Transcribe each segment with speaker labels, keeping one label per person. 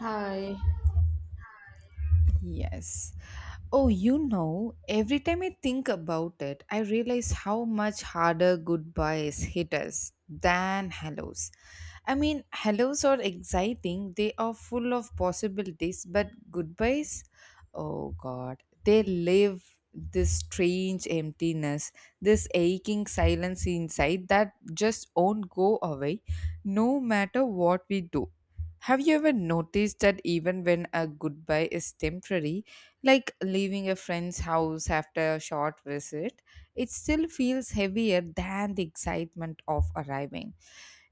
Speaker 1: Hi,
Speaker 2: Yes. Oh, you know, every time I think about it, I realize how much harder goodbyes hit us than hellos. I mean, hellos are exciting, they are full of possibilities, but goodbyes, oh god, they leave this strange emptiness, this aching silence inside that just won't go away no matter what we do. Have you ever noticed that even when a goodbye is temporary, like leaving a friend's house after a short visit, it still feels heavier than the excitement of arriving?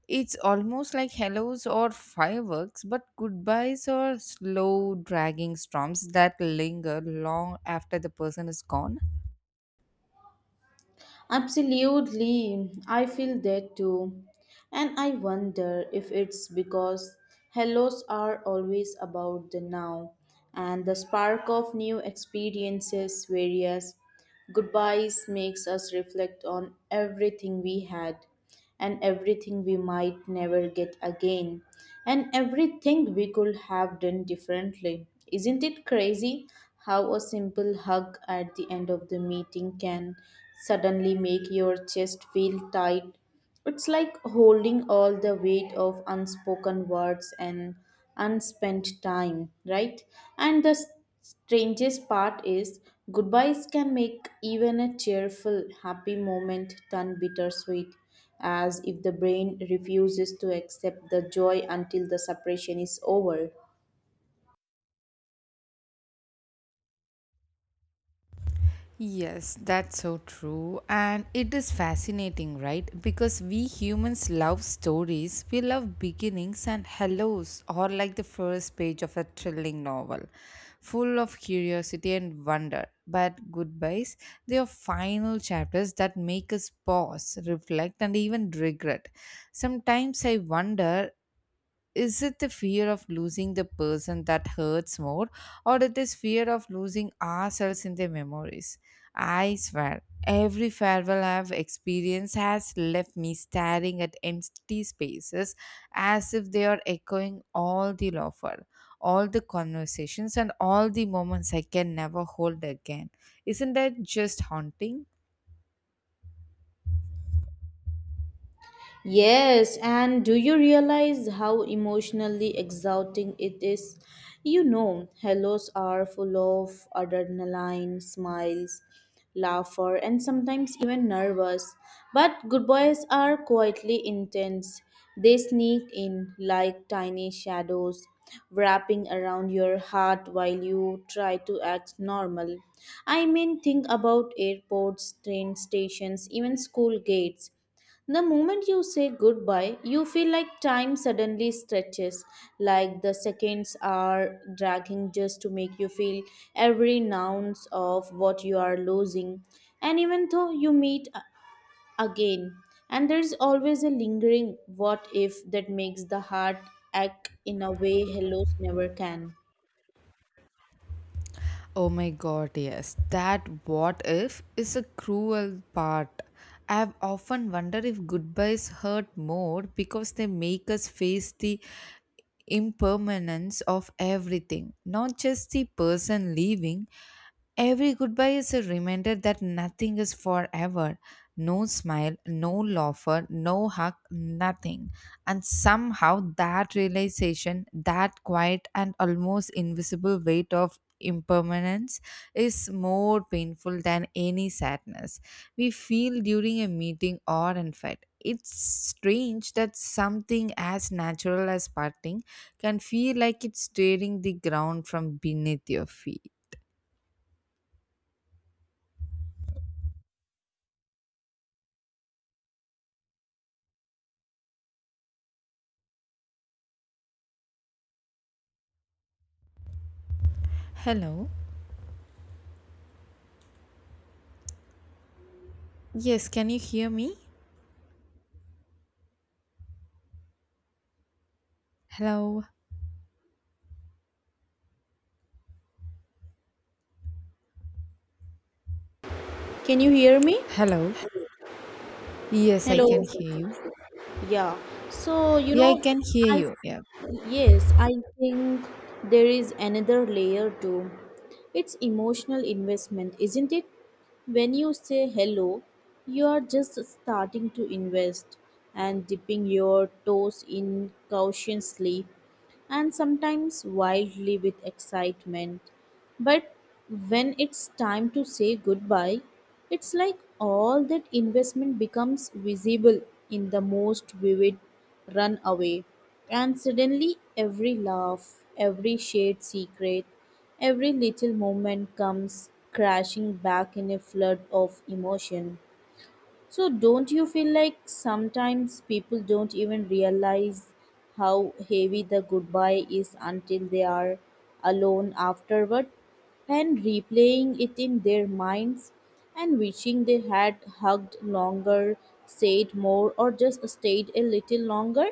Speaker 2: It's almost like hellos or fireworks, but goodbyes are slow, dragging storms that linger long after the person is gone.
Speaker 1: absolutely. I feel that too. And I wonder if it's because hellos are always about the now and the spark of new experiences, whereas goodbyes makes us reflect on everything we had, and everything we might never get again, and everything we could have done differently. Isn't it crazy how a simple hug at the end of the meeting can suddenly make your chest feel tight? It's like holding all the weight of unspoken words and unspent time, right? And the strangest part is goodbyes can make even a cheerful, happy moment turn bittersweet, as if the brain refuses to accept the joy until the separation is over.
Speaker 2: Yes, that's so true. And it is fascinating, right? Because we humans love stories. We love beginnings and hellos, or like the first page of a thrilling novel, full of curiosity and wonder. But goodbyes, they are final chapters that make us pause, reflect, and even regret. Sometimes I wonder, is it the fear of losing the person that hurts more, or it is fear of losing ourselves in the memories? I swear every farewell I've experienced has left me staring at empty spaces, as if they are echoing all the laughter, all the conversations, and all the moments I can never hold again. Isn't that just haunting?
Speaker 1: Yes, and do you realize how emotionally exhausting it is? You know, hellos are full of adrenaline, smiles, laughter, and sometimes even nervous. But goodbyes are quietly intense. They sneak in like tiny shadows, wrapping around your heart while you try to act normal. I mean, think about airports, train stations, even school gates. The moment you say goodbye, you feel like time suddenly stretches, like the seconds are dragging just to make you feel every ounce of what you are losing. And even though you again, and there's always a lingering what if that makes the heart ache in a way hellos never can.
Speaker 2: Oh my god, yes. That what if is a cruel part. I have often wondered if goodbyes hurt more because they make us face the impermanence of everything, not just the person leaving. Every goodbye is a reminder that nothing is forever. No smile, no laughter, no hug, nothing. And somehow that realization, that quiet and almost invisible weight of impermanence, is more painful than any sadness we feel during a meeting or an fight. It's strange that something as natural as parting can feel like it's tearing the ground from beneath your feet. Hello. Yes, can you hear me? Hello.
Speaker 1: Can you hear me?
Speaker 2: Hello. Yes, I can
Speaker 1: Hello.
Speaker 2: hear you.
Speaker 1: Yeah. So,
Speaker 2: Yeah, I can hear
Speaker 1: I,
Speaker 2: you. Yeah.
Speaker 1: yes, I think there is another layer too. It's emotional investment, isn't it? When you say hello, you are just starting to invest and dipping your toes in cautiously and sometimes wildly with excitement. But when it's time to say goodbye, it's like all that investment becomes visible in the most vivid runaway. And suddenly, every laugh, every shared secret, every little moment comes crashing back in a flood of emotion. So, don't you feel like sometimes people don't even realize how heavy the goodbye is until they are alone afterward and replaying it in their minds and wishing they had hugged longer, said more, or just stayed a little longer?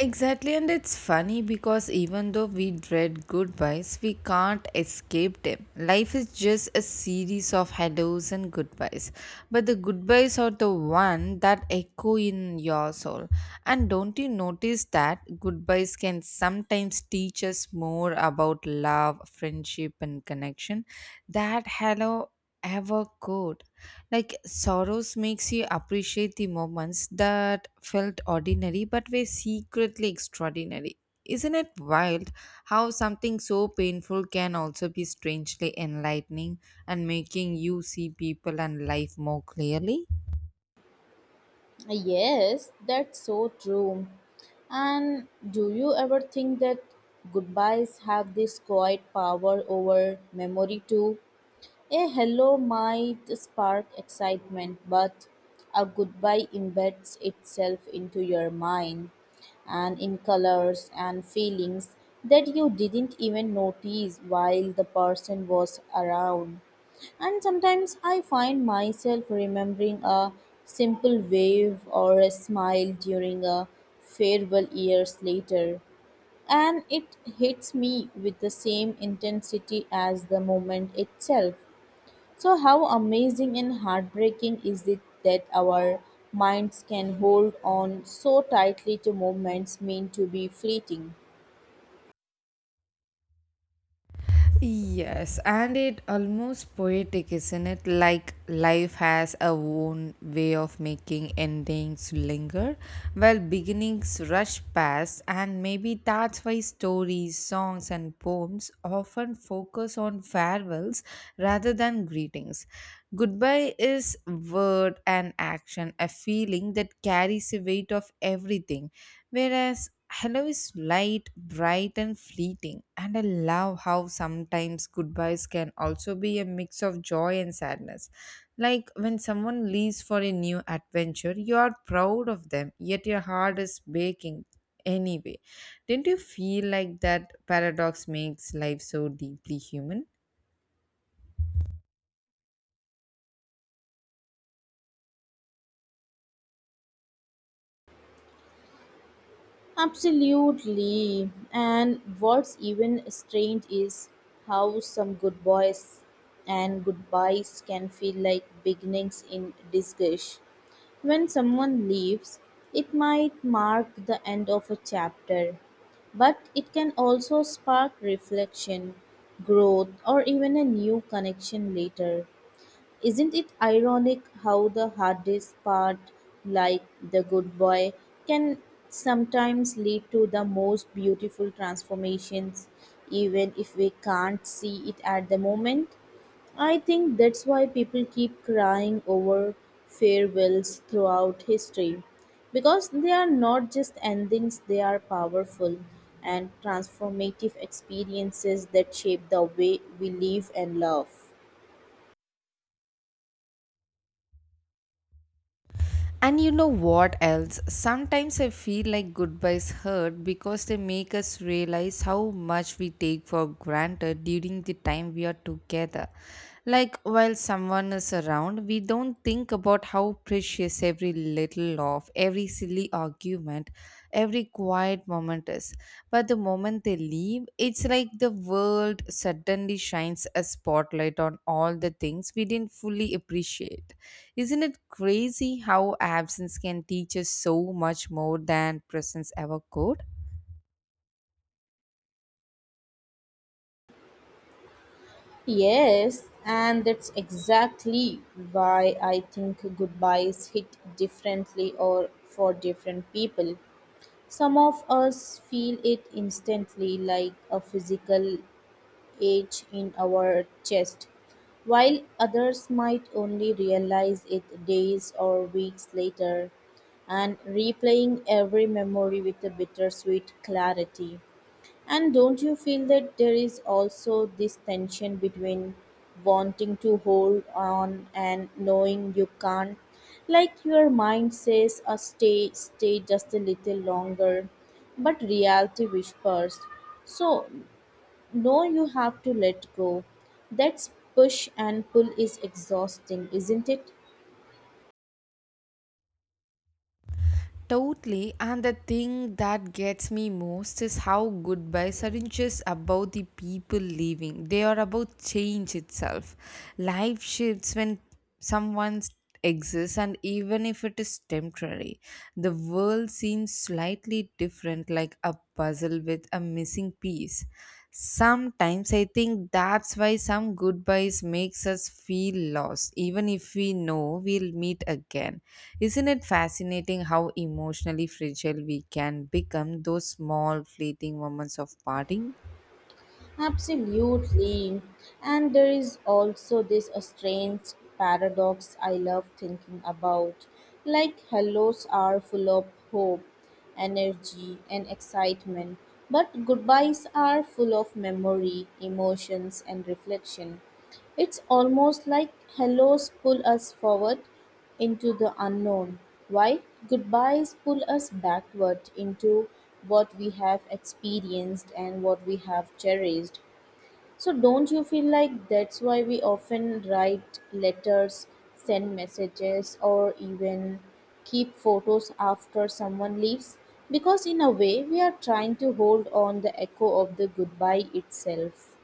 Speaker 2: Exactly, and it's funny because even though we dread goodbyes, we can't escape them. Life is just a series of hellos and goodbyes. But the goodbyes are the one that echo in your soul. And don't you notice that goodbyes can sometimes teach us more about love, friendship, and connection? That hello ever could. Like sorrows makes you appreciate the moments that felt ordinary but were secretly extraordinary. Isn't it wild how something so painful can also be strangely enlightening and making you see people and life more clearly?
Speaker 1: Yes, that's so true. And do you ever think that goodbyes have this quiet power over memory too? A hello might spark excitement, but a goodbye embeds itself into your mind and in colors and feelings that you didn't even notice while the person was around. And sometimes I find myself remembering a simple wave or a smile during a farewell years later. And it hits me with the same intensity as the moment itself. So, how amazing and heartbreaking is it that our minds can hold on so tightly to moments meant to be fleeting?
Speaker 2: Yes, and it almost poetic, isn't it? Like life has a own way of making endings linger, while beginnings rush past, and maybe that's why stories, songs, and poems often focus on farewells rather than greetings. Goodbye is word and action, a feeling that carries the weight of everything, whereas hello is light, bright, and fleeting, and I love how sometimes goodbyes can also be a mix of joy and sadness. Like when someone leaves for a new adventure, you are proud of them, yet your heart is baking anyway. Didn't you feel like that paradox makes life so deeply human?
Speaker 1: Absolutely. And what's even strange is how some good boys and goodbyes can feel like beginnings in disguise. When someone leaves, it might mark the end of a chapter, but it can also spark reflection, growth, or even a new connection later. Isn't it ironic how the hardest part, like the good boy, can sometimes lead to the most beautiful transformations, even if we can't see it at the moment? I think that's why people keep crying over farewells throughout history because they are not just endings, they are powerful and transformative experiences that shape the way we live and love.
Speaker 2: And you know what else? Sometimes I feel like goodbyes hurt because they make us realize how much we take for granted during the time we are together. Like while someone is around, we don't think about how precious every little of every silly argument, every quiet moment is. But the moment they leave, it's like the world suddenly shines a spotlight on all the things we didn't fully appreciate. Isn't it crazy how absence can teach us so much more than presence ever could?
Speaker 1: Yes, and that's exactly why I think goodbyes hit differently or for different people. Some of us feel it instantly like a physical ache in our chest, while others might only realize it days or weeks later and replaying every memory with a bittersweet clarity. And don't you feel that there is also this tension between wanting to hold on and knowing you can't? Like your mind says, stay just a little longer, but reality whispers. So, no, you have to let go. That's push and pull is exhausting, isn't it?
Speaker 2: Totally, and the thing that gets me most is how goodbyes aren't just about the people leaving, they are about change itself. Life shifts when someone exists, and even if it is temporary, the world seems slightly different, like a puzzle with a missing piece. Sometimes I think that's why some goodbyes makes us feel lost even if we know we'll meet again. Isn't it fascinating how emotionally fragile we can become those small fleeting moments of parting?
Speaker 1: Absolutely. And there is also this strange paradox I love thinking about. Like hellos are full of hope, energy, and excitement, but goodbyes are full of memory, emotions, and reflection. It's almost like hellos pull us forward, into the unknown, why goodbyes pull us backward into what we have experienced and what we have cherished. So, don't you feel like that's why we often write letters, send messages, or even keep photos after someone leaves? Because, in a way, we are trying to hold on the echo of the goodbye itself.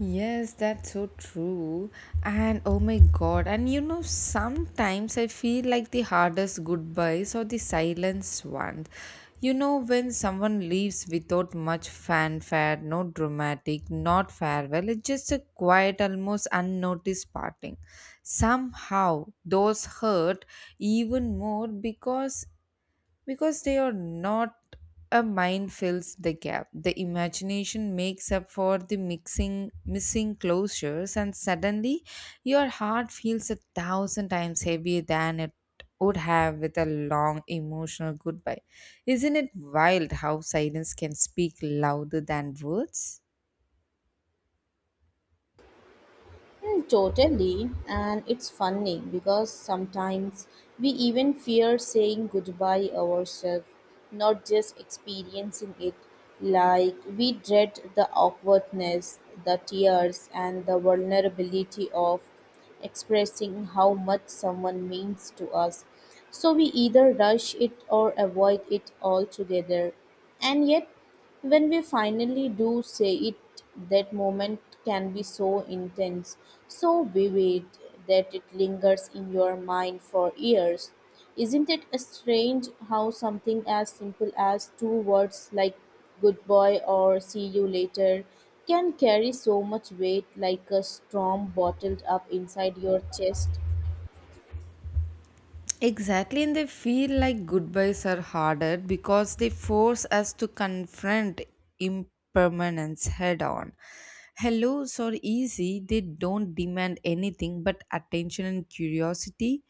Speaker 2: Yes, that's so true. And oh my god, and sometimes I feel like the hardest goodbyes or the silenced ones. You know, when someone leaves without much fanfare, no dramatic, not farewell, it's just a quiet, almost unnoticed parting. Somehow, those hurt even more because they are not. A mind fills the gap, the imagination makes up for the mixing missing closures, and suddenly your heart feels a thousand times heavier than it would have with a long emotional goodbye. Isn't it wild how silence can speak louder than words?
Speaker 1: Mm, totally, and it's funny because sometimes we even fear saying goodbye ourselves, not just experiencing it. Like we dread the awkwardness, the tears, and the vulnerability of expressing how much someone means to us. So we either rush it or avoid it altogether. And yet, when we finally do say it, that moment can be so intense, so vivid that it lingers in your mind for years. Isn't it strange how something as simple as two words like good boy or see you later can carry so much weight like a storm bottled up inside your chest?
Speaker 2: Exactly, and they feel like goodbyes are harder because they force us to confront impermanence head on. Hellos are easy, they don't demand anything but attention and curiosity.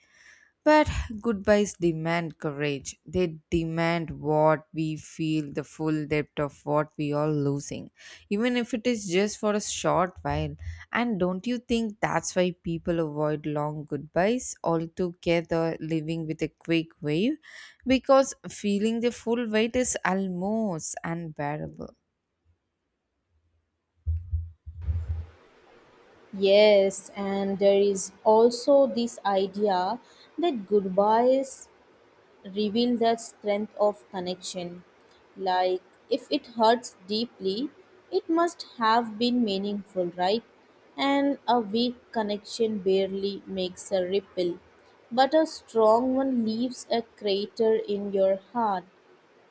Speaker 2: But goodbyes demand courage. They demand what we feel, the full depth of what we are losing, even if it is just for a short while. And don't you think that's why people avoid long goodbyes altogether, living with a quick wave? Because feeling the full weight is almost unbearable.
Speaker 1: Yes, and there is also this idea that goodbyes reveal the strength of connection. Like, if it hurts deeply, it must have been meaningful, right? And a weak connection barely makes a ripple, but a strong one leaves a crater in your heart.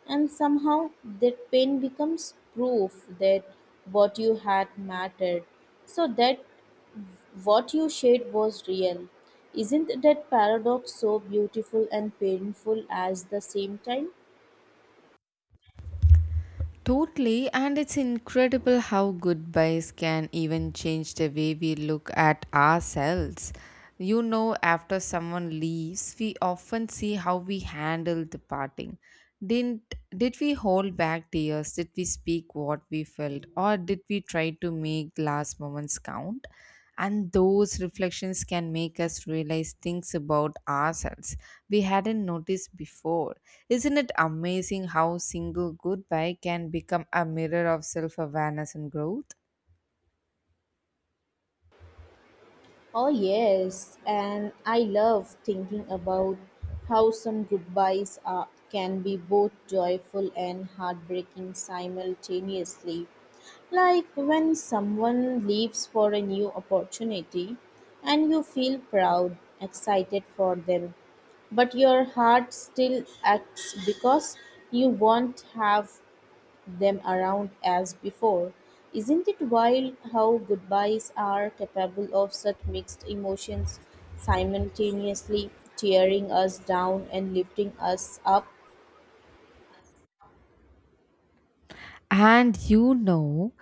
Speaker 1: And somehow that pain becomes proof that what you had mattered. So that what you shared was real. Isn't that paradox so beautiful and painful at the same time?
Speaker 2: Totally, and it's incredible how goodbyes can even change the way we look at ourselves. You know, after someone leaves, we often see how we handled the parting. Didn't did we hold back tears? Did we speak what we felt, or did we try to make last moments count? And those reflections can make us realize things about ourselves we hadn't noticed before. Isn't it amazing how single goodbye can become a mirror of self awareness and growth?
Speaker 1: Oh, yes, and I love thinking about how some goodbyes are, can be both joyful and heartbreaking simultaneously. Like when someone leaves for a new opportunity and you feel proud, excited for them, but your heart still acts because you won't have them around as before. Isn't it wild how goodbyes are capable of such mixed emotions, simultaneously tearing us down and lifting us up?
Speaker 2: And you know,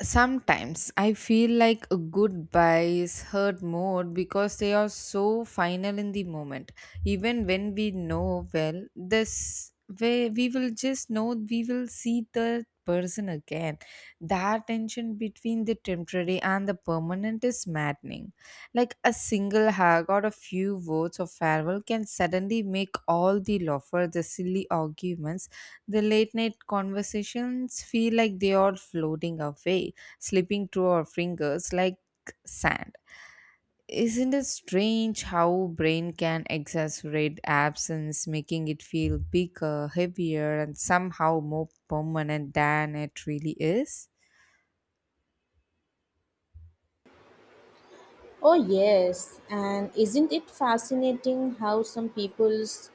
Speaker 2: sometimes I feel like goodbyes hurt more because they are so final in the moment. Even when we know, well, this way we will just know we will see the person again. That tension between the temporary and the permanent is maddening. Like a single hug or a few words of farewell can suddenly make all the laughter, the silly arguments, the late night conversations feel like they are floating away, slipping through our fingers like sand. Isn't it strange how brain can exaggerate absence, making it feel bigger, heavier, and somehow more permanent than it really is?
Speaker 1: Oh, yes, and isn't it fascinating how some people's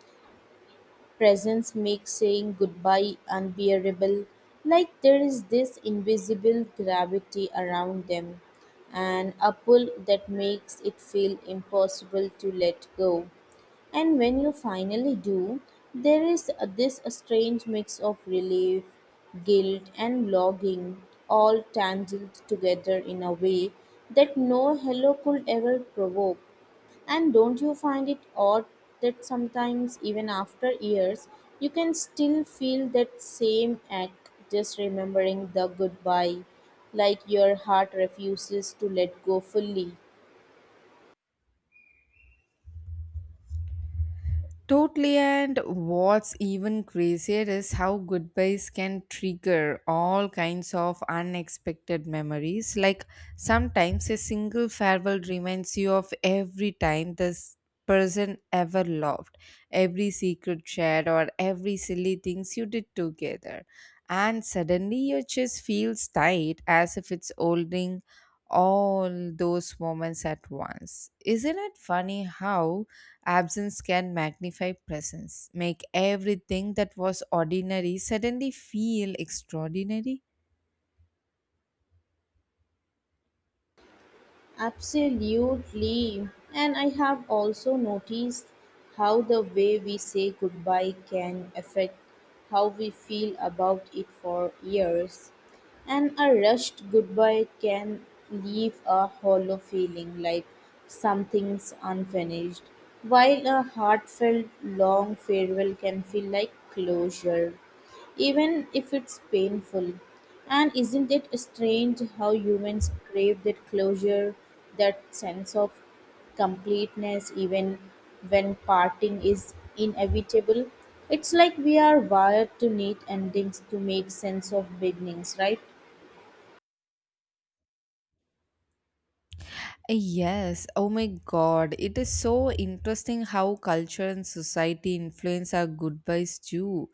Speaker 1: presence makes saying goodbye unbearable, like there is this invisible gravity around them and a pull that makes it feel impossible to let go. And when you finally do, there is this a strange mix of relief, guilt, and longing, all tangled together in a way that no hello could ever provoke. And don't you find it odd that sometimes, even after years, you can still feel that same ache just remembering the goodbye, like your heart refuses to let go fully?
Speaker 2: Totally, and what's even crazier is how goodbyes can trigger all kinds of unexpected memories. Like sometimes a single farewell reminds you of every time this person ever loved, every secret shared, or every silly things you did together. And suddenly your chest feels tight as if it's holding all those moments at once. Isn't it funny how absence can magnify presence, make everything that was ordinary suddenly feel extraordinary?
Speaker 1: Absolutely. And I have also noticed how the way we say goodbye can affect how we feel about it for years. And a rushed goodbye can leave a hollow feeling like something's unfinished, while a heartfelt long farewell can feel like closure even if it's painful. And isn't it strange how humans crave that closure, that sense of completeness, even when parting is inevitable? It's like we are wired to need endings to make sense of beginnings, right?
Speaker 2: Yes, oh my god, it is so interesting how culture and society influence our goodbyes too.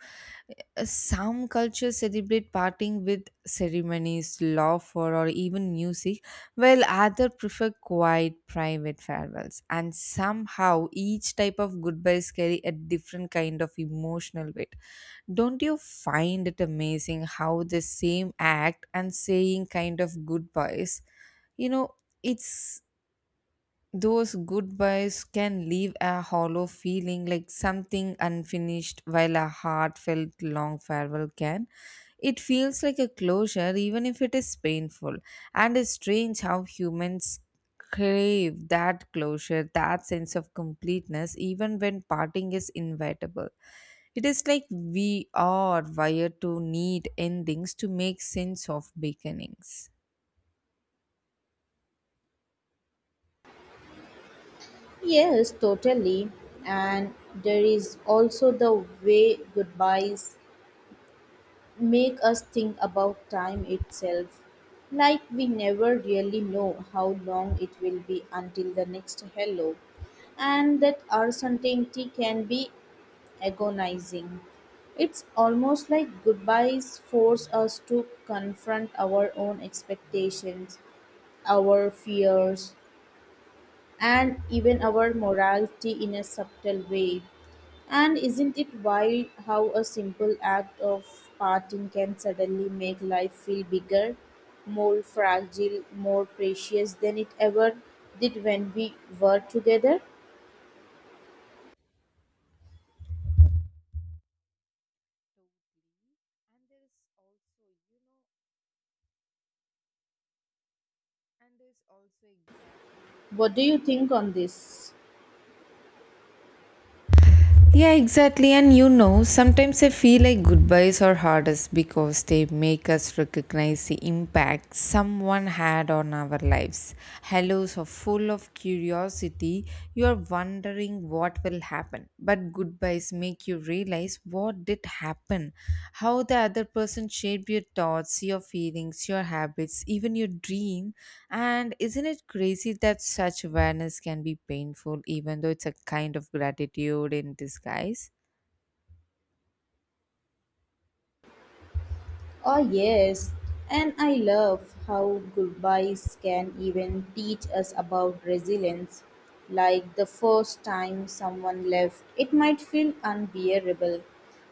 Speaker 2: Some cultures celebrate parting with ceremonies, laughter, or even music, while others prefer quiet, private farewells. And somehow, each type of goodbyes carry a different kind of emotional weight. Don't you find it amazing how the same act and saying kind of goodbyes, you know, it's those goodbyes can leave a hollow feeling like something unfinished while a heartfelt long farewell can. It feels like a closure even if it is painful. And it's strange how humans crave that closure, that sense of completeness, even when parting is inevitable. It is like we are wired to need endings to make sense of beginnings.
Speaker 1: Yes, totally. And there is also the way goodbyes make us think about time itself. Like we never really know how long it will be until the next hello, and that uncertainty can be agonizing. It's almost like goodbyes force us to confront our own expectations, our fears, and even our morality in a subtle way. And isn't it wild how a simple act of parting can suddenly make life feel bigger, more fragile, more precious than it ever did when we were together?
Speaker 2: And there is also, you know, and there's also exactly,
Speaker 1: What do
Speaker 2: you
Speaker 1: you
Speaker 2: know,
Speaker 1: think on
Speaker 2: sometimes I
Speaker 1: this?
Speaker 2: yeah, exactly. And you know, sometimes I feel like goodbyes are hardest because they make us recognize the impact someone had on our lives. Hellos are full of curiosity. You are wondering what will happen. But goodbyes make you realize what did happen, how the other person shaped your thoughts, your feelings, your habits, even your dream. And isn't it crazy that such awareness can be painful, even though it's a kind of gratitude in disguise?
Speaker 1: Oh, yes. And I love how goodbyes can even teach us about resilience. Like the first time someone left, it might feel unbearable.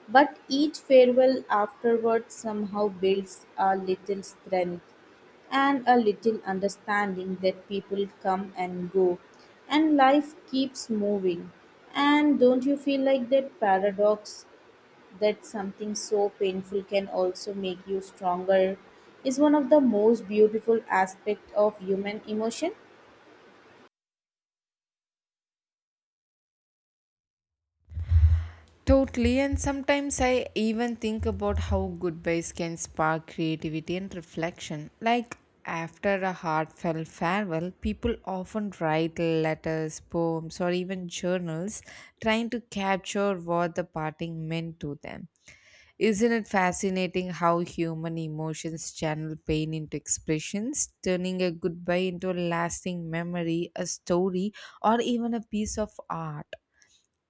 Speaker 1: But each farewell afterward somehow builds a little strength and a little understanding that people come and go and life keeps moving. And don't you feel like that paradox? That something so painful can also make you stronger is one of the most beautiful aspects of human emotion.
Speaker 2: Totally, and sometimes I even think about how goodbyes can spark creativity and reflection. Like after a heartfelt farewell, people often write letters, poems, or even journals trying to capture what the parting meant to them. Isn't it fascinating how human emotions channel pain into expressions, turning a goodbye into a lasting memory, a story, or even a piece of art?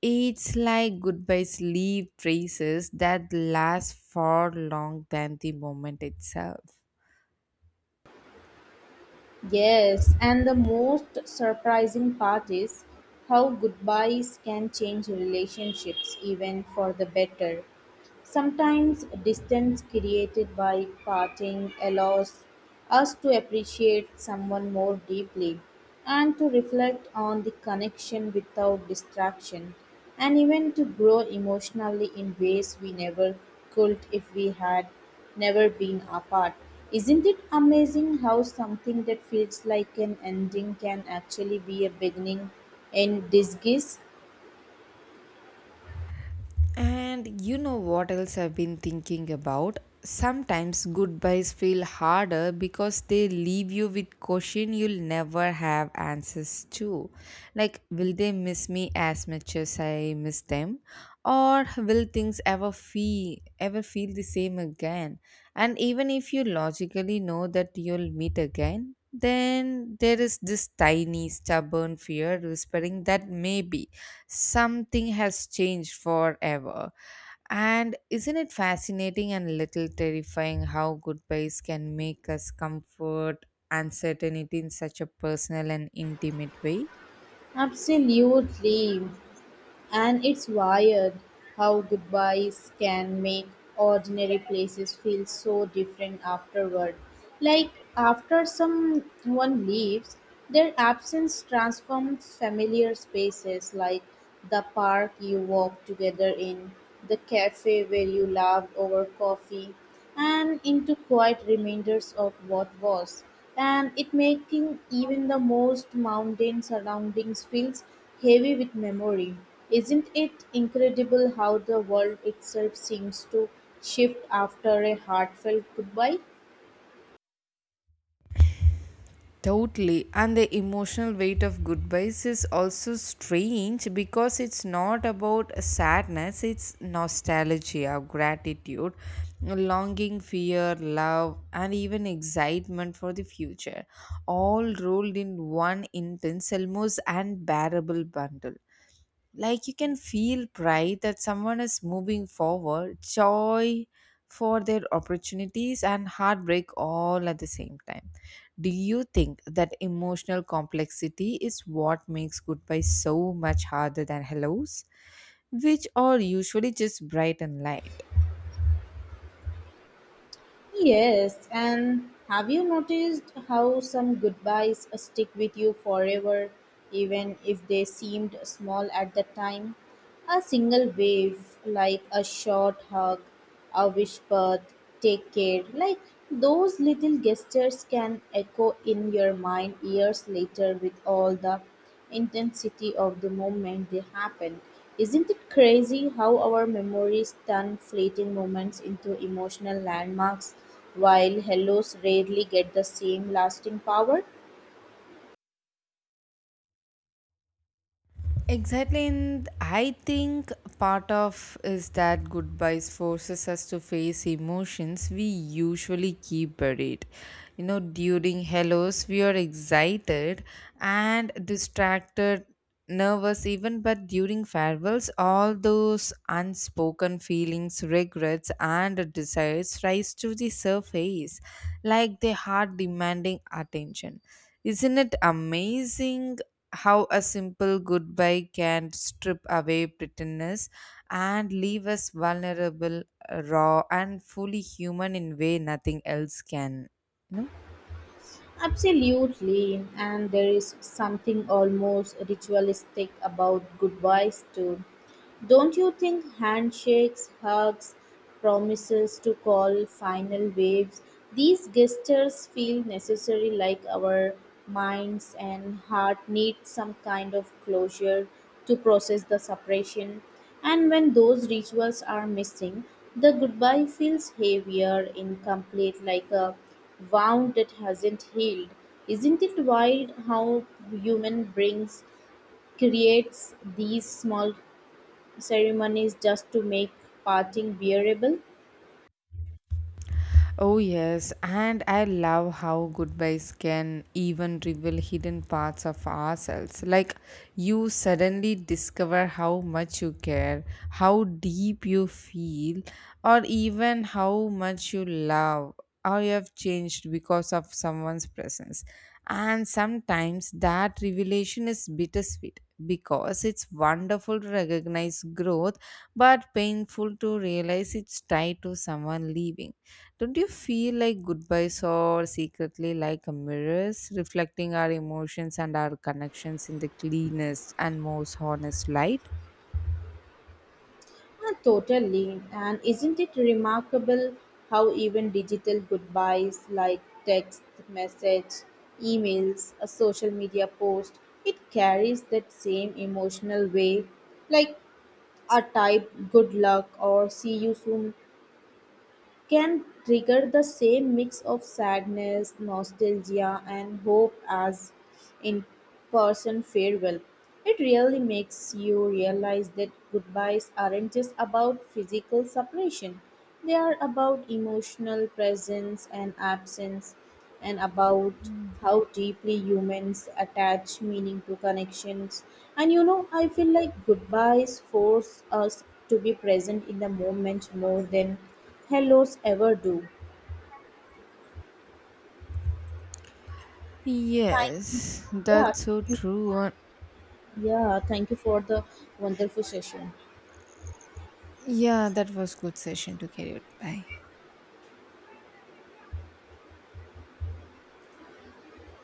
Speaker 2: It's like goodbye sleep traces that last far long than the moment itself.
Speaker 1: Yes, and the most surprising part is how goodbyes can change relationships even for the better. Sometimes distance created by parting allows us to appreciate someone more deeply and to reflect on the connection without distraction and even to grow emotionally in ways we never could if we had never been apart. Isn't it amazing how something that feels like an ending can actually be a beginning in disguise?
Speaker 2: And you know what else I've been thinking about? Sometimes goodbyes feel harder because they leave you with question you'll never have answers to. Like, will they miss me as much as I miss them? Or will things ever feel the same again? And even if you logically know that you'll meet again, then there is this tiny stubborn fear whispering that maybe something has changed forever. And isn't it fascinating and little terrifying how goodbyes can make us comfort uncertainty in such a personal and intimate way?
Speaker 1: Absolutely. And it's wired how goodbyes can make ordinary places feel so different afterward. Like after someone leaves, their absence transforms familiar spaces like the park you walked together in, the cafe where you laughed over coffee, and into quiet reminders of what was, and it making even the most mundane surroundings feels heavy with memory. Isn't it incredible how the world itself seems to shift after a heartfelt goodbye?
Speaker 2: Totally. And the emotional weight of goodbyes is also strange because it's not about sadness, it's nostalgia, gratitude, longing, fear, love, and even excitement for the future, all rolled in one intense, almost unbearable bundle. Like you can feel pride that someone is moving forward, joy for their opportunities, and heartbreak all at the same time. Do you think that emotional complexity is what makes goodbye so much harder than hellos, which are usually just bright and light?
Speaker 1: Yes, and have you noticed how some goodbyes stick with you forever, even if they seemed small at the time? A single wave, like a short hug, a whispered "take care," like those little gestures can echo in your mind years later with all the intensity of the moment they happen. Isn't it crazy how our memories turn fleeting moments into emotional landmarks while hellos rarely get the same lasting power?
Speaker 2: Exactly, and I think part of is that goodbyes forces us to face emotions we usually keep buried. You know, during hellos, we are excited and distracted, nervous even, but during farewells, all those unspoken feelings, regrets, and desires rise to the surface like the heart demanding attention. Isn't it amazing how a simple goodbye can strip away pretenders and leave us vulnerable, raw, and fully human in way nothing else can. You know?
Speaker 1: Absolutely, and there is something almost ritualistic about goodbyes too. Don't you think handshakes, hugs, promises to call, final waves, these gestures feel necessary like our minds and heart need some kind of closure to process the separation. And when those rituals are missing, the goodbye feels heavier, incomplete, like a wound that hasn't healed. Isn't it wild how human brains creates these small ceremonies just to make parting bearable?
Speaker 2: Oh, yes, and I love how goodbyes can even reveal hidden parts of ourselves. Like, you suddenly discover how much you care, how deep you feel, or even how much you love, or you have changed because of someone's presence. And sometimes that revelation is bittersweet because it's wonderful to recognize growth, but painful to realize it's tied to someone leaving. Don't you feel like goodbyes are secretly like a mirrors, reflecting our emotions and our connections in the cleanest and most honest light?
Speaker 1: Ah, totally. And isn't it remarkable how even digital goodbyes like text message, emails, a social media post, it carries that same emotional weight. Like a type good luck or see you soon can trigger the same mix of sadness, nostalgia, and hope as in person farewell. It really makes you realize that goodbyes aren't just about physical separation, they are about emotional presence and absence and about how deeply humans attach meaning to connections. And you know, I feel like goodbyes force us to be present in the moment more than hellos ever do.
Speaker 2: Yes,
Speaker 1: Yeah,
Speaker 2: that's so true.
Speaker 1: yeah, thank you for the wonderful session.
Speaker 2: Yeah, that was good session to carry out. Bye.